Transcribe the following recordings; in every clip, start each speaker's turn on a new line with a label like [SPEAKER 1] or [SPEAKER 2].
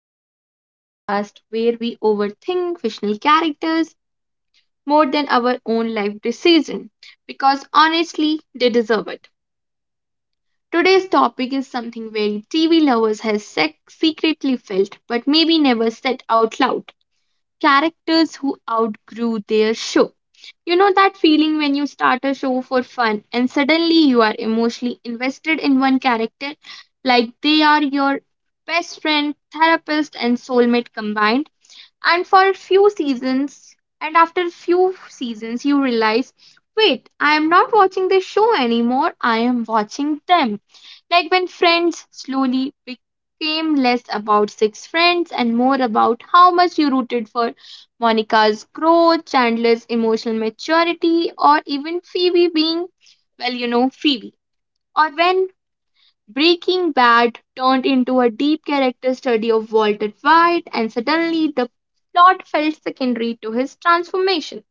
[SPEAKER 1] back to the podcast where we overthink fictional characters more than our own life decision because honestly, they deserve it. Today's topic is something very TV lovers has secretly felt but maybe never said out loud characters who outgrew their show. You know that feeling when you start a show for fun and suddenly you are emotionally invested in one character, like they are your best friend, therapist, and soulmate combined. And for a few seasons, and after a few seasons, you realize wait, I am not watching this show anymore, I am watching them. Like when friends slowly became less about six friends and more about how much you rooted for Monica's growth, Chandler's emotional maturity, or even Phoebe being, well, Phoebe. Or when Breaking Bad turned into a deep character study of Walter White and suddenly the plot felt secondary to his transformation.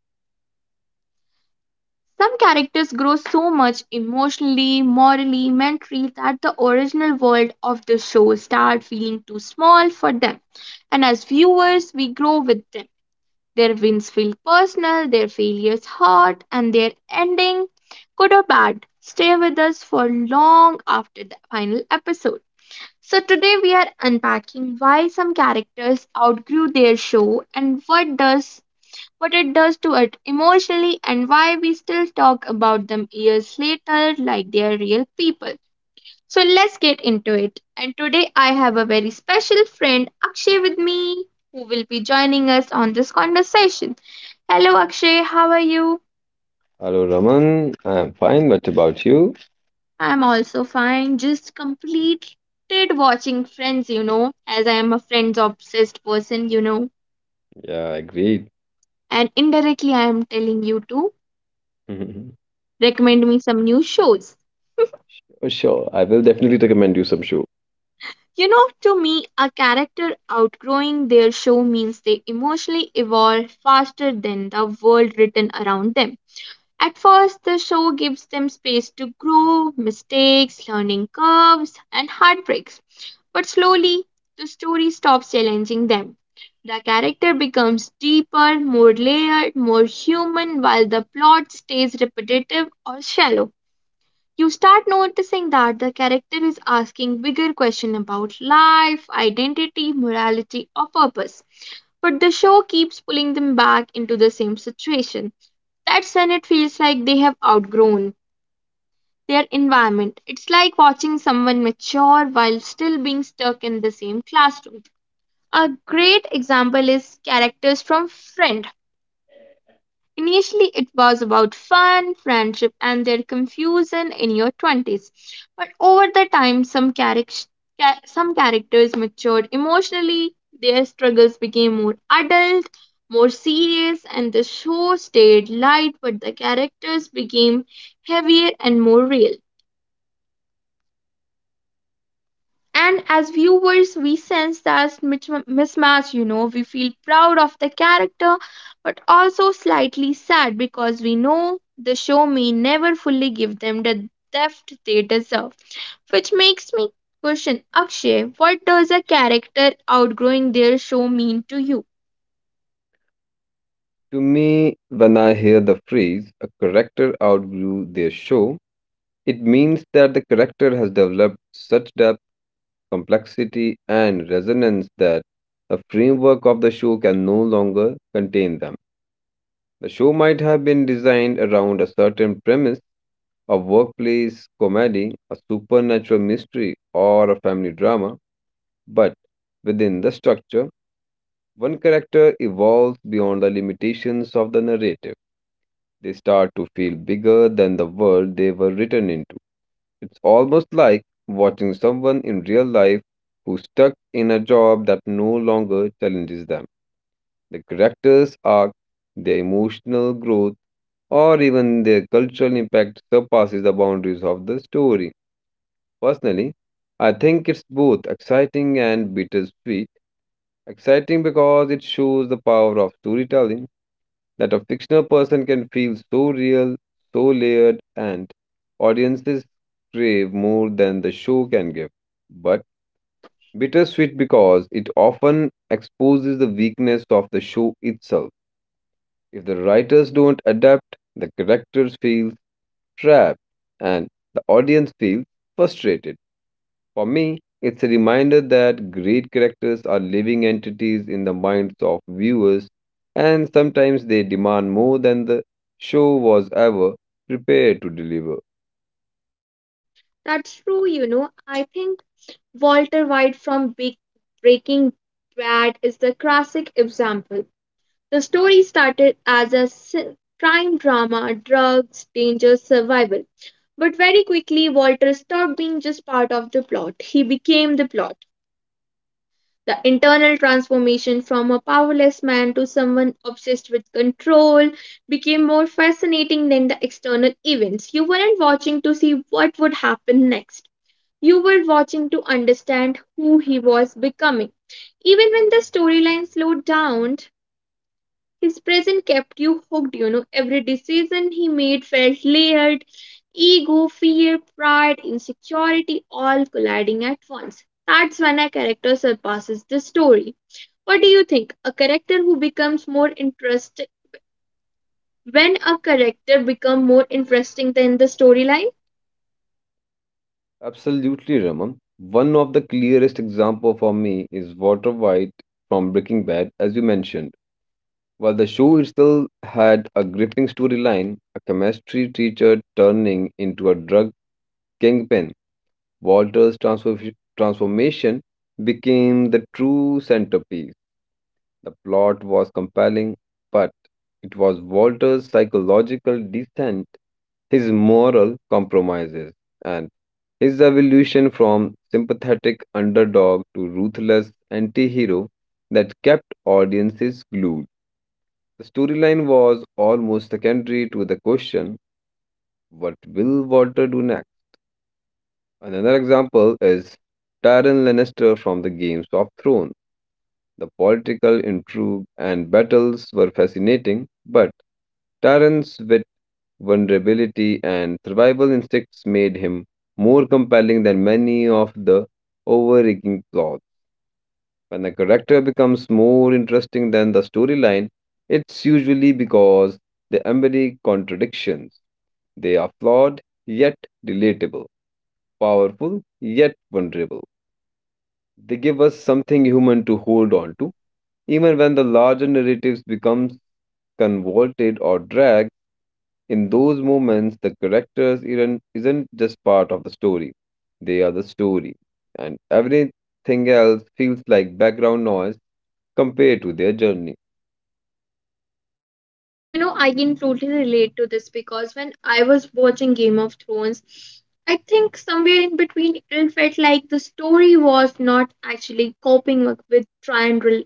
[SPEAKER 1] Some characters grow so much emotionally, morally, mentally that the original world of the show start feeling too small for them. And as viewers, we grow with them. Their wins feel personal, their failures hurt, and their ending, good or bad, stay with us for long after the final episode. So, today we are unpacking why some characters outgrew their show and what it does to us emotionally, and why we still talk about them years later like they are real people. So let's get into it. And today I have a very special friend, Akshay, with me, who will be joining us on this conversation. Hello, Akshay, how are you?
[SPEAKER 2] Hello, Raman. I'm fine, but about you?
[SPEAKER 1] I'm also fine, just completed watching Friends, as I am a Friends obsessed person,
[SPEAKER 2] Yeah, agreed.
[SPEAKER 1] and indirectly I am telling you to recommend me some new shows.
[SPEAKER 2] Oh, sure, I will definitely recommend you some show.
[SPEAKER 1] To me, a character outgrowing their show means they emotionally evolve faster than the world written around them. At first, the show gives them space to grow, mistakes, learning curves, and heartbreaks. But slowly, the story stops challenging them. The character becomes deeper, more layered, more human, while the plot stays repetitive or shallow. You start noticing that the character is asking bigger questions about life, identity, morality, or purpose. But the show keeps pulling them back into the same situation. That's when it feels like they have outgrown their environment. It's like watching someone mature while still being stuck in the same classroom. A great example is characters from Friend. Initially, it was about fun, friendship, and their confusion in your 20s. But over the time, some characters matured emotionally, their struggles became more adult, more serious, and the show stayed light, but the characters became heavier and more real. And as viewers, we sense that mismatch, we feel proud of the character, but also slightly sad because we know the show may never fully give them the depth they deserve. Which makes me question, Akshay, what does a character outgrowing their show mean to you?
[SPEAKER 2] To me, when I hear the phrase a character outgrew their show, it means that the character has developed such depth, complexity, and resonance that the framework of the show can no longer contain them. The show might have been designed around a certain premise, a workplace comedy, a supernatural mystery, or a family drama. But within the structure, one character evolves beyond the limitations of the narrative. They start to feel bigger than the world they were written into. It's almost like watching someone in real life who's stuck in a job that no longer challenges them. The character's arc, their emotional growth, or even their cultural impact surpasses the boundaries of the story. Personally, I think it's both exciting and bittersweet. Exciting because it shows the power of storytelling that a fictional person can feel so real, so layered, and audiences crave more than the show can give. But bittersweet because it often exposes the weakness of the show itself. If the writers don't adapt, the characters feel trapped and the audience feels frustrated. For me, it's a reminder that great characters are living entities in the minds of viewers, and sometimes they demand more than the show was ever prepared to deliver.
[SPEAKER 1] That's true, you know. I think Walter White from Big Breaking Bad is the classic example. The story started as a crime drama, drugs, danger, survival. But very quickly, Walter stopped being just part of the plot. He became the plot. The internal transformation from a powerless man to someone obsessed with control became more fascinating than the external events. You weren't watching to see what would happen next. You were watching to understand who he was becoming. Even when the storyline slowed down, his presence kept you hooked, you know. Every decision he made felt layered ego, fear, pride, insecurity, all colliding at once. That's when a character surpasses the story. What do you think? A character who becomes more interesting When a character become more interesting than the storyline?
[SPEAKER 2] Absolutely, Raman. One of the clearest example for me is Walter White from Breaking Bad, as you mentioned. While the show itself had a gripping storyline, a chemistry teacher turning into a drug kingpin, Walter's transformation became the true centerpiece. The plot was compelling, but it was Walter's psychological descent, his moral compromises, and his evolution from sympathetic underdog to ruthless anti hero that kept audiences glued. The storyline was almost secondary to the question, what will Walter do next? Another example is Tyrion Lannister from the Games of Thrones. The political intrigue and battles were fascinating, but Tyrion's wit, vulnerability, and survival instincts made him more compelling than many of the overarching plots. When a character becomes more interesting than the storyline, it's usually because they embody contradictions. They are flawed yet relatable, powerful yet vulnerable. They give us something human to hold on to, even when the larger narratives becomes convoluted or dragged. In those moments, the characters isn't just part of the story; they are the story, and everything else feels like background noise compared to their journey.
[SPEAKER 1] You know, I can totally relate to this because when I was watching Game of Thrones, I think somewhere in between it felt like the story was not actually coping with Triandral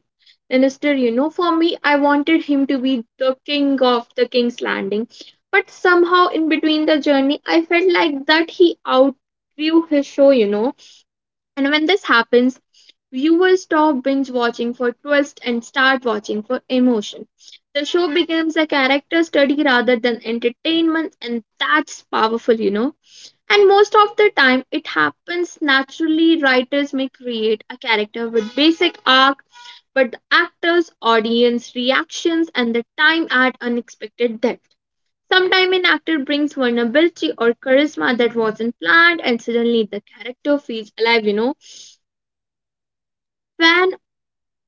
[SPEAKER 1] Lannister. You know, for me, I wanted him to be the king of the King's Landing, but somehow in between the journey, I felt like that he outgrew his show. You know, and when this happens, viewers stop binge watching for twist and start watching for emotion. The show becomes a character study rather than entertainment, and that's powerful, you know. And most of the time, it happens naturally. Writers may create a character with basic arc, but the actors, audience reactions, and the time add unexpected depth. Sometimes an actor brings vulnerability or charisma that wasn't planned, and suddenly the character feels alive, you know. Fan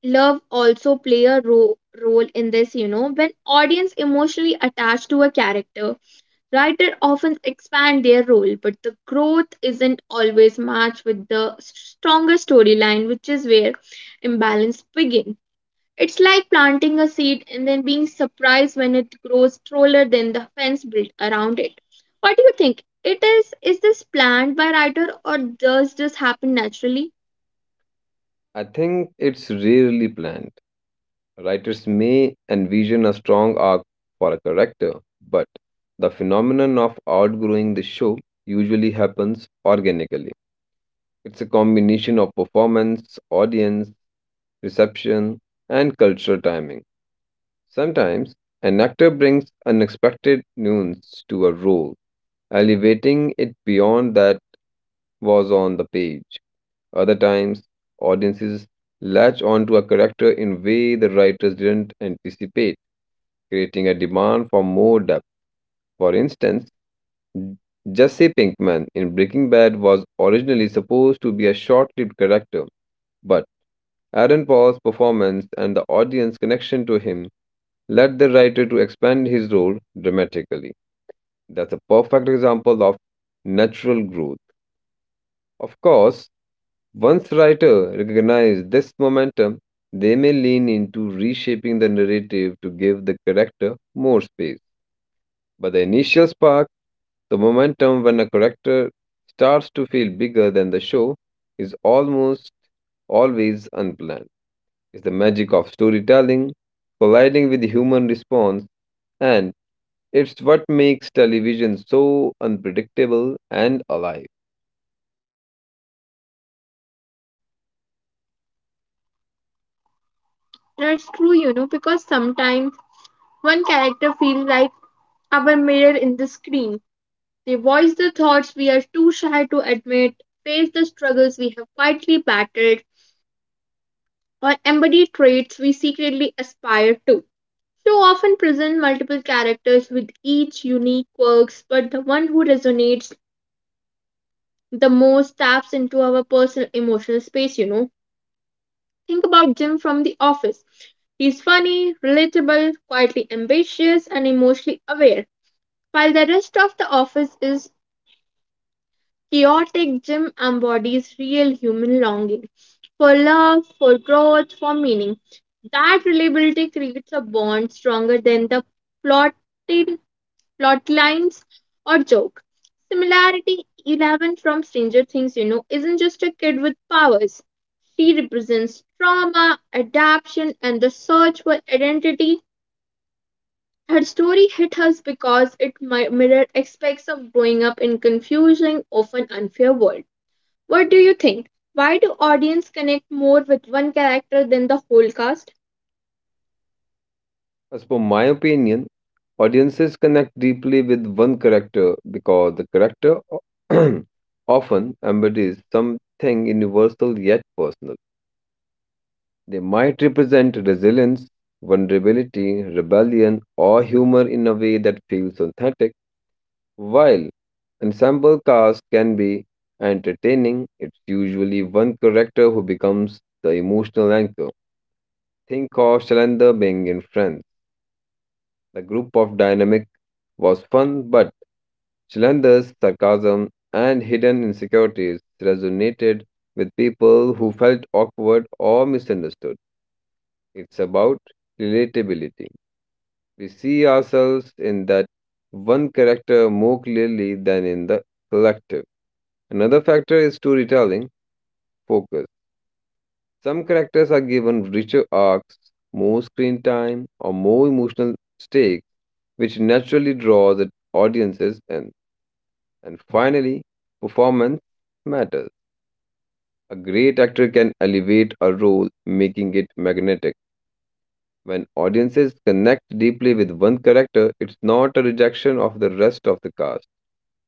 [SPEAKER 1] love also play a role in this, you know, when audience emotionally attached to a character writer often expand their role, but the growth isn't always matched with the stronger storyline, which is where imbalance begin. It's like planting a seed and then being surprised when it grows taller than the fence built around it. What do you think it is this planned by writer or does this happen naturally?
[SPEAKER 2] I think it's rarely planned. Writers may envision a strong arc for a character, but the phenomenon of outgrowing the show usually happens organically. It's a combination of performance, audience, reception, and cultural timing. Sometimes, an actor brings unexpected nuance to a role, elevating it beyond that was on the page. Other times, audiences latch onto a character in way the writers didn't anticipate, creating a demand for more depth. For instance, Jesse Pinkman in Breaking Bad was originally supposed to be a short-lived character, but Aaron Paul's performance and the audience connection to him led the writer to expand his role dramatically. That's a perfect example of natural growth. Of course, once writer recognize this momentum, they may lean into reshaping the narrative to give the character more space. But the initial spark, the momentum when a character starts to feel bigger than the show, is almost always unplanned. Is the magic of storytelling, colliding with human response, and it's what makes television so unpredictable and alive.
[SPEAKER 1] That's true, you know, because sometimes one character feels like our mirror in the screen. They voice the thoughts we are too shy to admit, face the struggles we have quietly battled, or embody traits we secretly aspire to. Show often presents multiple characters with each unique quirks, but the one who resonates the most taps into our personal emotional space, you know. Think about Jim from The Office. He's funny, relatable, quietly ambitious, and emotionally aware. While the rest of the office is Chaotic, Gym embodies real human longing for love, for growth, for meaning. That reliability creates a bond stronger than the plotted plot lines or joke. Similarity Eleven from Stranger Things, you know, isn't just a kid with powers. She represents trauma, adaptation, and the search for identity. Her story hit us because it mirrored aspects of growing up in confusing, often unfair world. What do you think? Why do audience connect more with one character than the whole cast?
[SPEAKER 2] As per my opinion, audiences connect deeply with one character because the character often embodies something universal yet personal. They might represent resilience, vulnerability, rebellion, or humor in a way that feels authentic. While ensemble cast can be entertaining, it's usually one character who becomes the emotional anchor. Think of Shalander being in Friends. The group of dynamic was fun, but Shalander's sarcasm and hidden insecurities resonated with people who felt awkward or misunderstood. It's about relatability. We see ourselves in that one character more clearly than in the collective. Another factor is storytelling focus. Some characters are given richer arcs, more screen time, or more emotional stakes, which naturally draws the audiences in. And finally, performance matters. A great actor can elevate a role, making it magnetic. When audiences connect deeply with one character, it's not a rejection of the rest of the cast.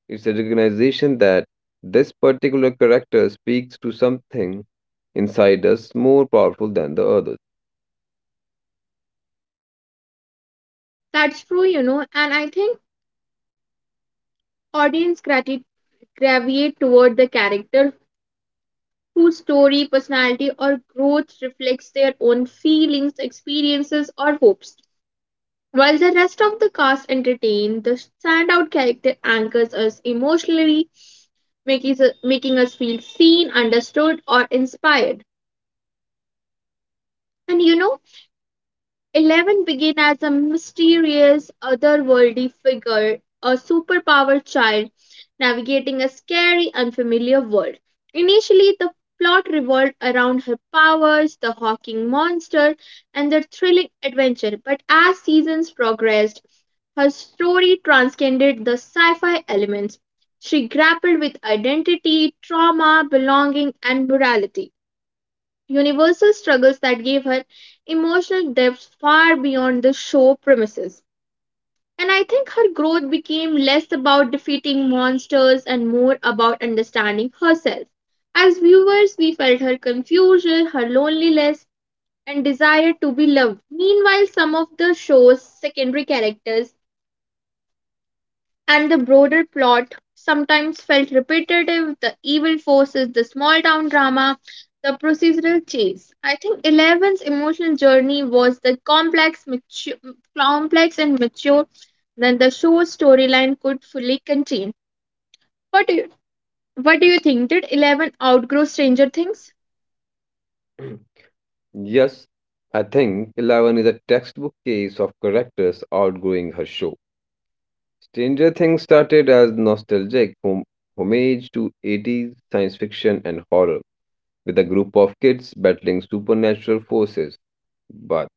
[SPEAKER 2] It's a recognition that this particular character speaks to something inside us more powerful than the others.
[SPEAKER 1] That's true, you know, and I think audience gravitate toward the character whose story, personality, or growth reflects their own feelings, experiences, or hopes. While the rest of the cast entertain, the standout character anchors us emotionally, making us feel seen, understood, or inspired. And you know, Eleven began as a mysterious, otherworldly figure, a superpower child navigating a scary, unfamiliar world. Initially, the plot revolved around her powers, the hawking monster, and their thrilling adventure. But as seasons progressed, her story transcended the sci fi elements. She grappled with identity, trauma, belonging, and morality universal struggles that gave her emotional depth far beyond the show premises. And I think her growth became less about defeating monsters and more about understanding herself. As viewers, we felt her confusion, her loneliness, and desire to be loved. Meanwhile, some of the show's secondary characters and the broader plot sometimes felt repetitive the evil forces, the small town drama, the procedural chase. I think Eleven's emotional journey was the complex and mature than the show's storyline could fully contain. What do you, what do you think? Did Eleven outgrow Stranger Things?
[SPEAKER 2] Yes, I think Eleven is a textbook case of characters outgrowing her show. Stranger Things started as nostalgic homage to 80s science fiction and horror, with a group of kids battling supernatural forces. But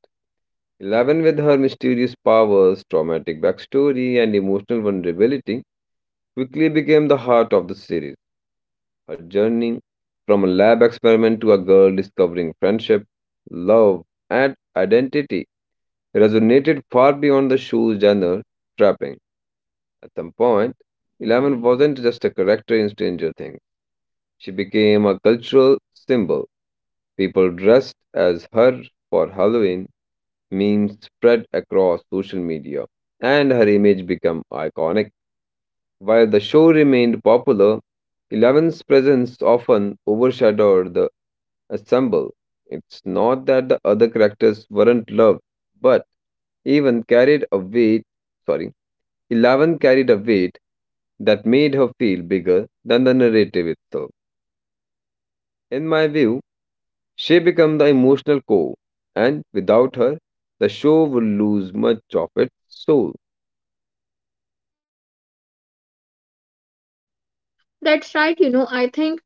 [SPEAKER 2] Eleven, with her mysterious powers, traumatic backstory, and emotional vulnerability, quickly became the heart of the series. Her journey from a lab experiment to a girl discovering friendship, love, and identity resonated far beyond the show's genre trapping. At some point, Eleven wasn't just a character in Stranger Things, she became a cultural symbol. People dressed as her for Halloween, memes spread across social media, and her image became iconic. While the show remained popular, Eleven's presence often overshadowed the ensemble. It's not that the other characters weren't loved, but even carried a weight, sorry, Eleven carried a weight that made her feel bigger than the narrative itself. In my view, she became the emotional core, and without her, the show would lose much of its soul.
[SPEAKER 1] That's right, you know, I think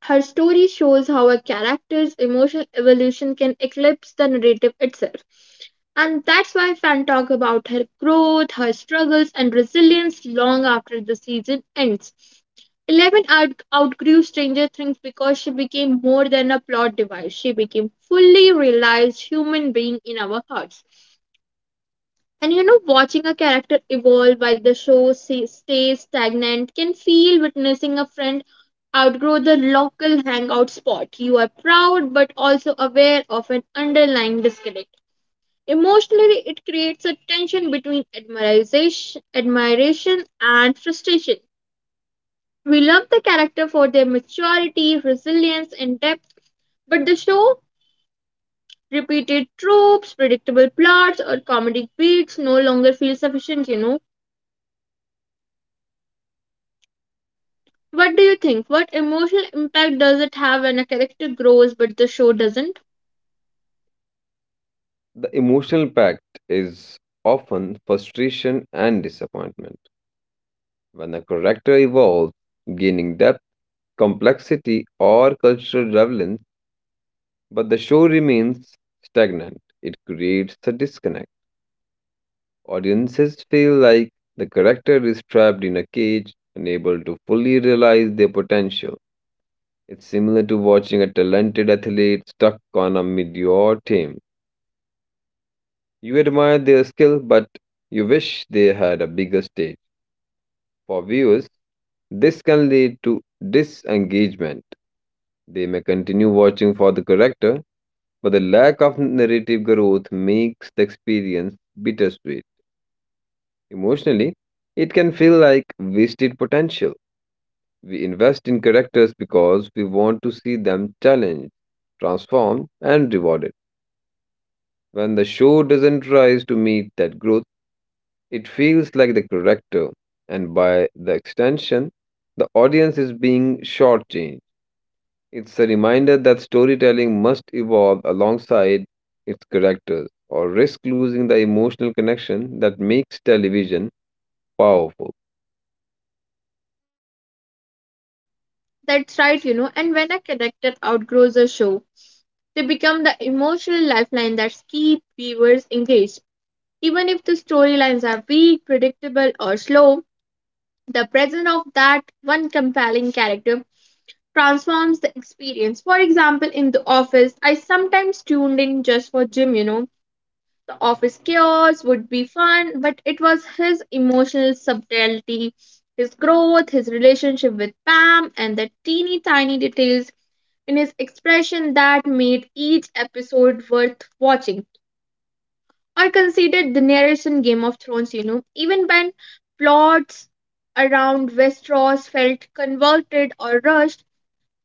[SPEAKER 1] her story shows how a character's emotional evolution can eclipse the narrative itself. And that's why fans talk about her growth, her struggles, and resilience long after the season ends. Eleven outgrew Stranger Things because she became more than a plot device. She became fully realized human being in our hearts. And you know, watching a character evolve while the show stays stagnant can feel witnessing a friend outgrow the local hangout spot. You are proud but also aware of an underlying disconnect. Emotionally, it creates a tension between admiration and frustration. We love the character for their maturity, resilience, and depth, but the show repeated tropes, predictable plots, or comedic beats no longer feel sufficient, you know. What do you think? What emotional impact does it have when a character grows but the show doesn't?
[SPEAKER 2] The emotional pact is often frustration and disappointment. When a character evolves, gaining depth, complexity, or cultural relevance, but the show remains stagnant, it creates a disconnect. Audiences feel like the character is trapped in a cage, unable to fully realize their potential. It's similar to watching a talented athlete stuck on a mediocre team. You admire their skill, but you wish they had a bigger stage. For viewers, this can lead to disengagement. They may continue watching for the character, but the lack of narrative growth makes the experience bittersweet. Emotionally, it can feel like wasted potential. We invest in characters because we want to see them challenged, transformed, and rewarded. When the show doesn't rise to meet that growth, it feels like the character, and by the extension, the audience is being shortchanged. It's a reminder that storytelling must evolve alongside its characters or risk losing the emotional connection that makes television powerful.
[SPEAKER 1] That's right, you know. And when a character outgrows a show, they become the emotional lifeline that keeps viewers engaged. Even if the storylines are weak, predictable, or slow, the presence of that one compelling character transforms the experience. For example, in The Office, I sometimes tuned in just for Jim, you know. The office chaos would be fun, but it was his emotional subtlety, his growth, his relationship with Pam, and the teeny tiny details in his expression that made each episode worth watching. I considered the narration Game of Thrones, you know, even when plots around Westeros felt convoluted or rushed,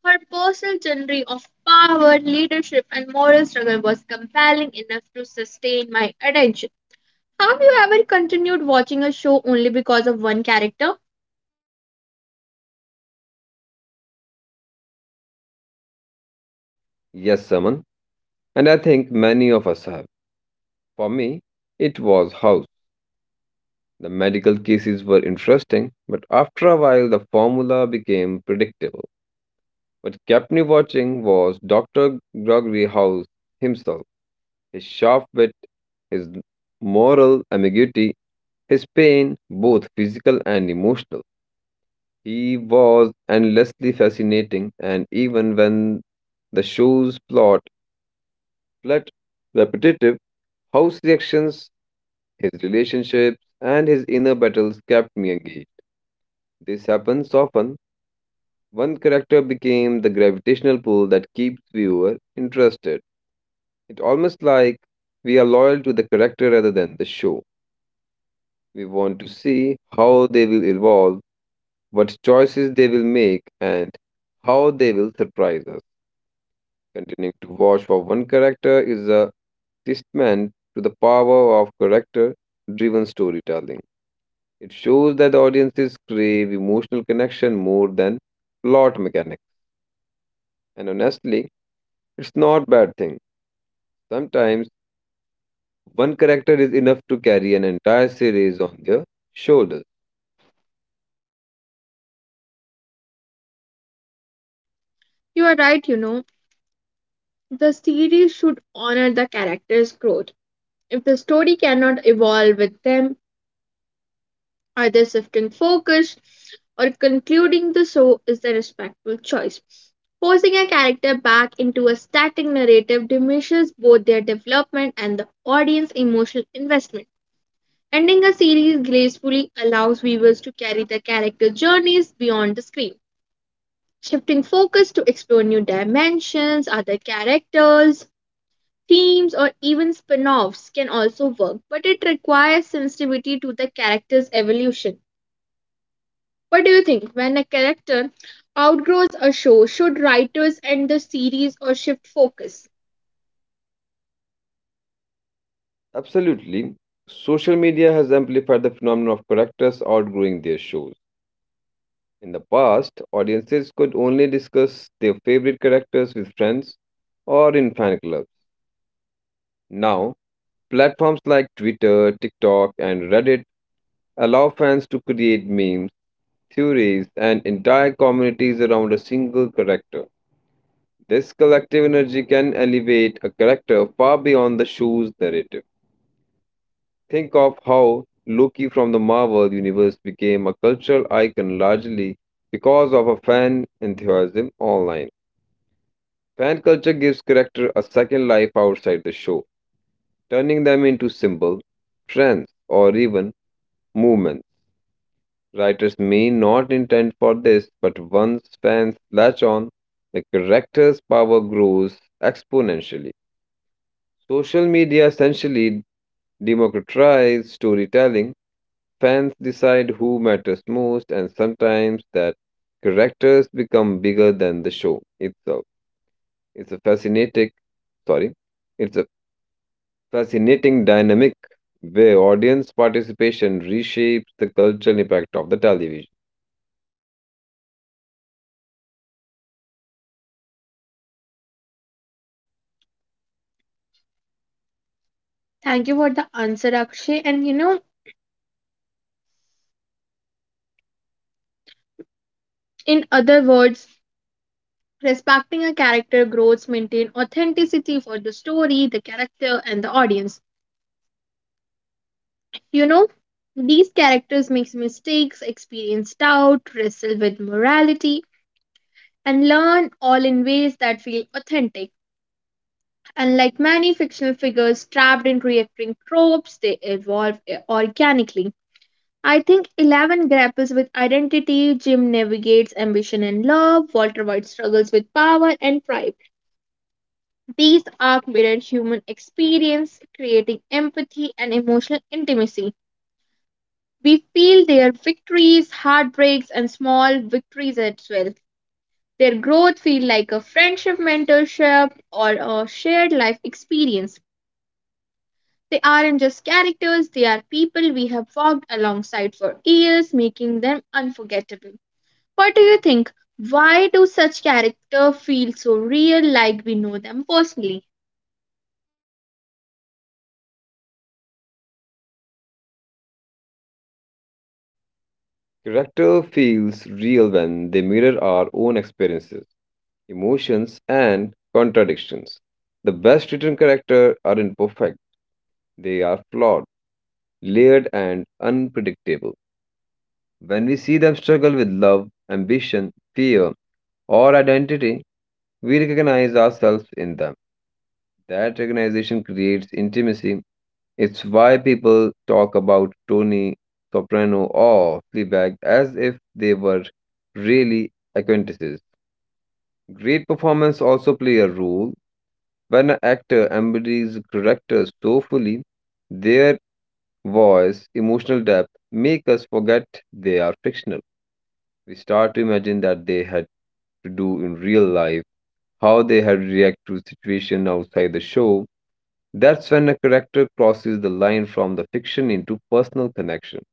[SPEAKER 1] her personal journey of power, leadership, and moral struggle was compelling enough to sustain my attention. Have you ever continued watching a show only because of one character?
[SPEAKER 2] Yes, Saman, and I think many of us have. For me, it was House. The medical cases were interesting, but after a while the formula became predictable. What kept me watching was Dr. Gregory House himself, his sharp wit, his moral ambiguity, his pain, both physical and emotional. He was endlessly fascinating, and even when the show's plot felt repetitive, House reactions, his relationships, and his inner battles kept me engaged. This happens often. One character became the gravitational pull that keeps viewer interested. It's almost like we are loyal to the character rather than the show. We want to see how they will evolve, what choices they will make, and how they will surprise us. Continuing to watch for one character is a testament to the power of character driven storytelling. It shows that the audiences crave emotional connection more than plot mechanics. And honestly, it's not bad thing. Sometimes one character is enough to carry an entire series on their shoulders.
[SPEAKER 1] You are right, you know. The series should honor the character's growth. If the story cannot evolve with them, either shifting focus or concluding the show is the respectful choice. Forcing a character back into a static narrative diminishes both their development and the audience's emotional investment. Ending a series gracefully allows viewers to carry the character journeys beyond the screen. Shifting focus to explore new dimensions, other characters, themes, or even spin offs can also work, but it requires sensitivity to the character's evolution. What do you think? When a character outgrows a show, should writers end the series or shift focus?
[SPEAKER 2] Absolutely. Social media has amplified the phenomenon of characters outgrowing their shows. In the past, audiences could only discuss their favorite characters with friends or in fan clubs. Now, platforms like Twitter, TikTok, and Reddit allow fans to create memes, theories, and entire communities around a single character. This collective energy can elevate a character far beyond the show's narrative. Think of how Loki from the Marvel Universe became a cultural icon largely because of a fan enthusiasm online. Fan culture gives character a second life outside the show, turning them into symbols, trends, or even movements. Writers may not intend for this, but once fans latch on, the character's power grows exponentially. Social media essentially democratizes storytelling. Fans decide who matters most, and sometimes that characters become bigger than the show itself. It's a fascinating, sorry, it's a fascinating dynamic where audience participation reshapes the cultural impact of the television.
[SPEAKER 1] Thank you for the answer, Akshay. And you know, in other words, respecting a character growth maintain authenticity for the story, the character, and the audience. You know, these characters make mistakes, experience doubt, wrestle with morality, and learn all in ways that feel authentic. Unlike many fictional figures trapped in recurring tropes, they evolve organically. I think Eleven grapples with identity, Jim navigates ambition and love, Walter White struggles with power and pride. These arcs mirror human experience, creating empathy and emotional intimacy. We feel their victories, heartbreaks, and small victories as well. Their growth feel like a friendship, mentorship, or a shared life experience. They aren't just characters, they are people we have walked alongside for years, making them unforgettable. What do you think? Why do such characters feel so real like we know them personally?
[SPEAKER 2] Character feels real when they mirror our own experiences, emotions, and contradictions. The best written characters are imperfect, they are flawed, layered, and unpredictable. When we see them struggle with love, ambition, fear, or identity, we recognize ourselves in them. That recognition creates intimacy. It's why people talk about Tony Soprano or Fleabag as if they were really acquaintances. Great performance also play a role. When an actor embodies a character so fully, their voice, emotional depth make us forget they are fictional. We start to imagine that they had to do in real life, how they had react to situation outside the show. That's when a character crosses the line from the fiction into personal connection.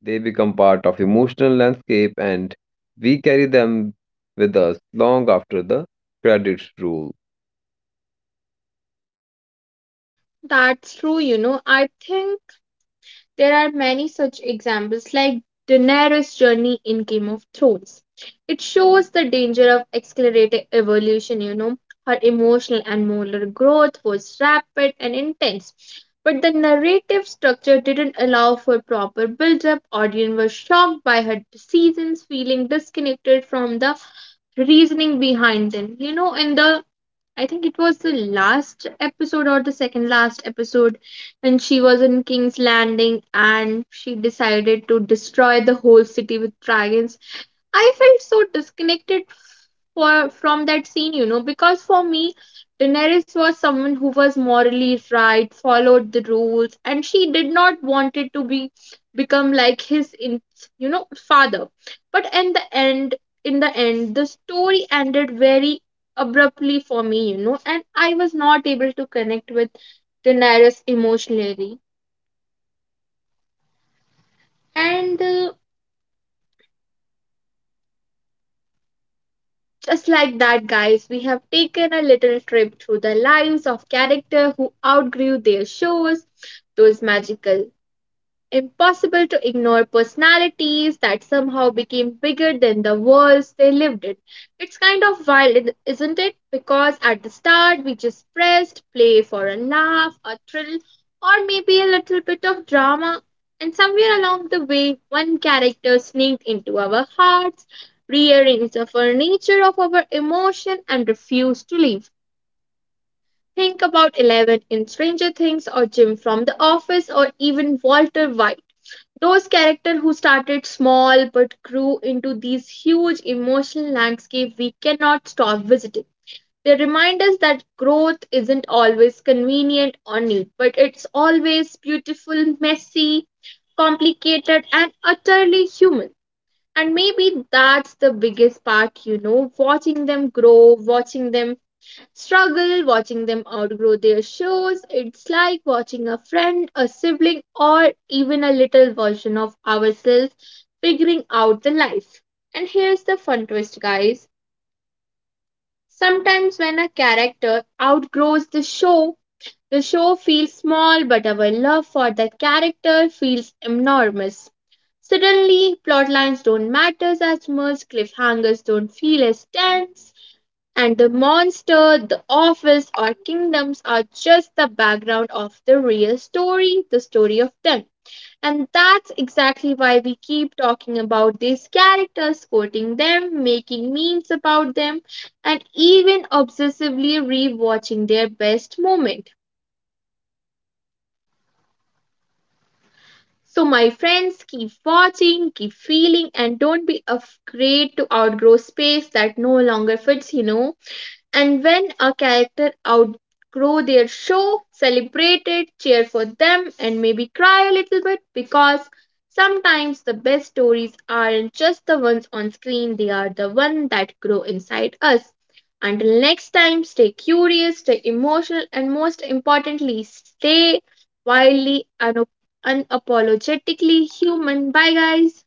[SPEAKER 2] They become part of emotional landscape and we carry them with us long after the credits roll.
[SPEAKER 1] That's true, you know. I think: there are many such examples, like Daenerys' journey in Game of Thrones. It shows the danger of accelerated evolution, you know. Her emotional and moral growth was rapid and intense, but the narrative structure didn't allow for proper build up. Audience were shocked by her decisions, feeling disconnected from the reasoning behind them. You know, in the I think it was the last episode or the second last episode when she was in King's Landing and she decided to destroy the whole city with dragons. I felt so disconnected for from that scene, you know, because for me, Daenerys was someone who was morally right, followed the rules, and she did not wanted to be become like you know, father. But in the end, the story ended very abruptly for me, you know, and I was not able to connect with Daenerys emotionally. And Just like that, guys, we have taken a little trip through the lives of characters who outgrew their shows, those magical, impossible to ignore personalities that somehow became bigger than the worlds they lived in. It's kind of wild, isn't it? Because at the start we just pressed play for a laugh, a thrill, or maybe a little bit of drama. And somewhere along the way, one character sneaked into our hearts, rearranged the furniture of our emotion, and refused to leave. Think about Eleven in Stranger Things, or Jim from The Office, or even Walter White, those characters who started small but grew into these huge emotional landscapes we cannot stop visiting. They remind us that growth isn't always convenient or neat, but it's always beautiful, messy, complicated, and utterly human. And maybe that's the biggest part, you know, watching them grow, watching them struggle, watching them outgrow their shows. It's like watching a friend, a sibling, or even a little version of ourselves figuring out the life. And here's the fun twist, guys. Sometimes when a character outgrows the show feels small, but our love for the character feels enormous. Suddenly, plot lines don't matter as much, cliffhangers don't feel as tense, and the monster, the office, or kingdoms are just the background of the real story, the story of them. And that's exactly why we keep talking about these characters, quoting them, making memes about them, and even obsessively rewatching their best moment. So, my friends, keep watching, keep feeling, and don't be afraid to outgrow space that no longer fits, you know. And when a character outgrow their show, celebrate it, cheer for them, and maybe cry a little bit because sometimes the best stories aren't just the ones on screen, they are the ones that grow inside us. Until next time, stay curious, stay emotional, and most importantly, stay wildly, unapologetically human. Bye, guys.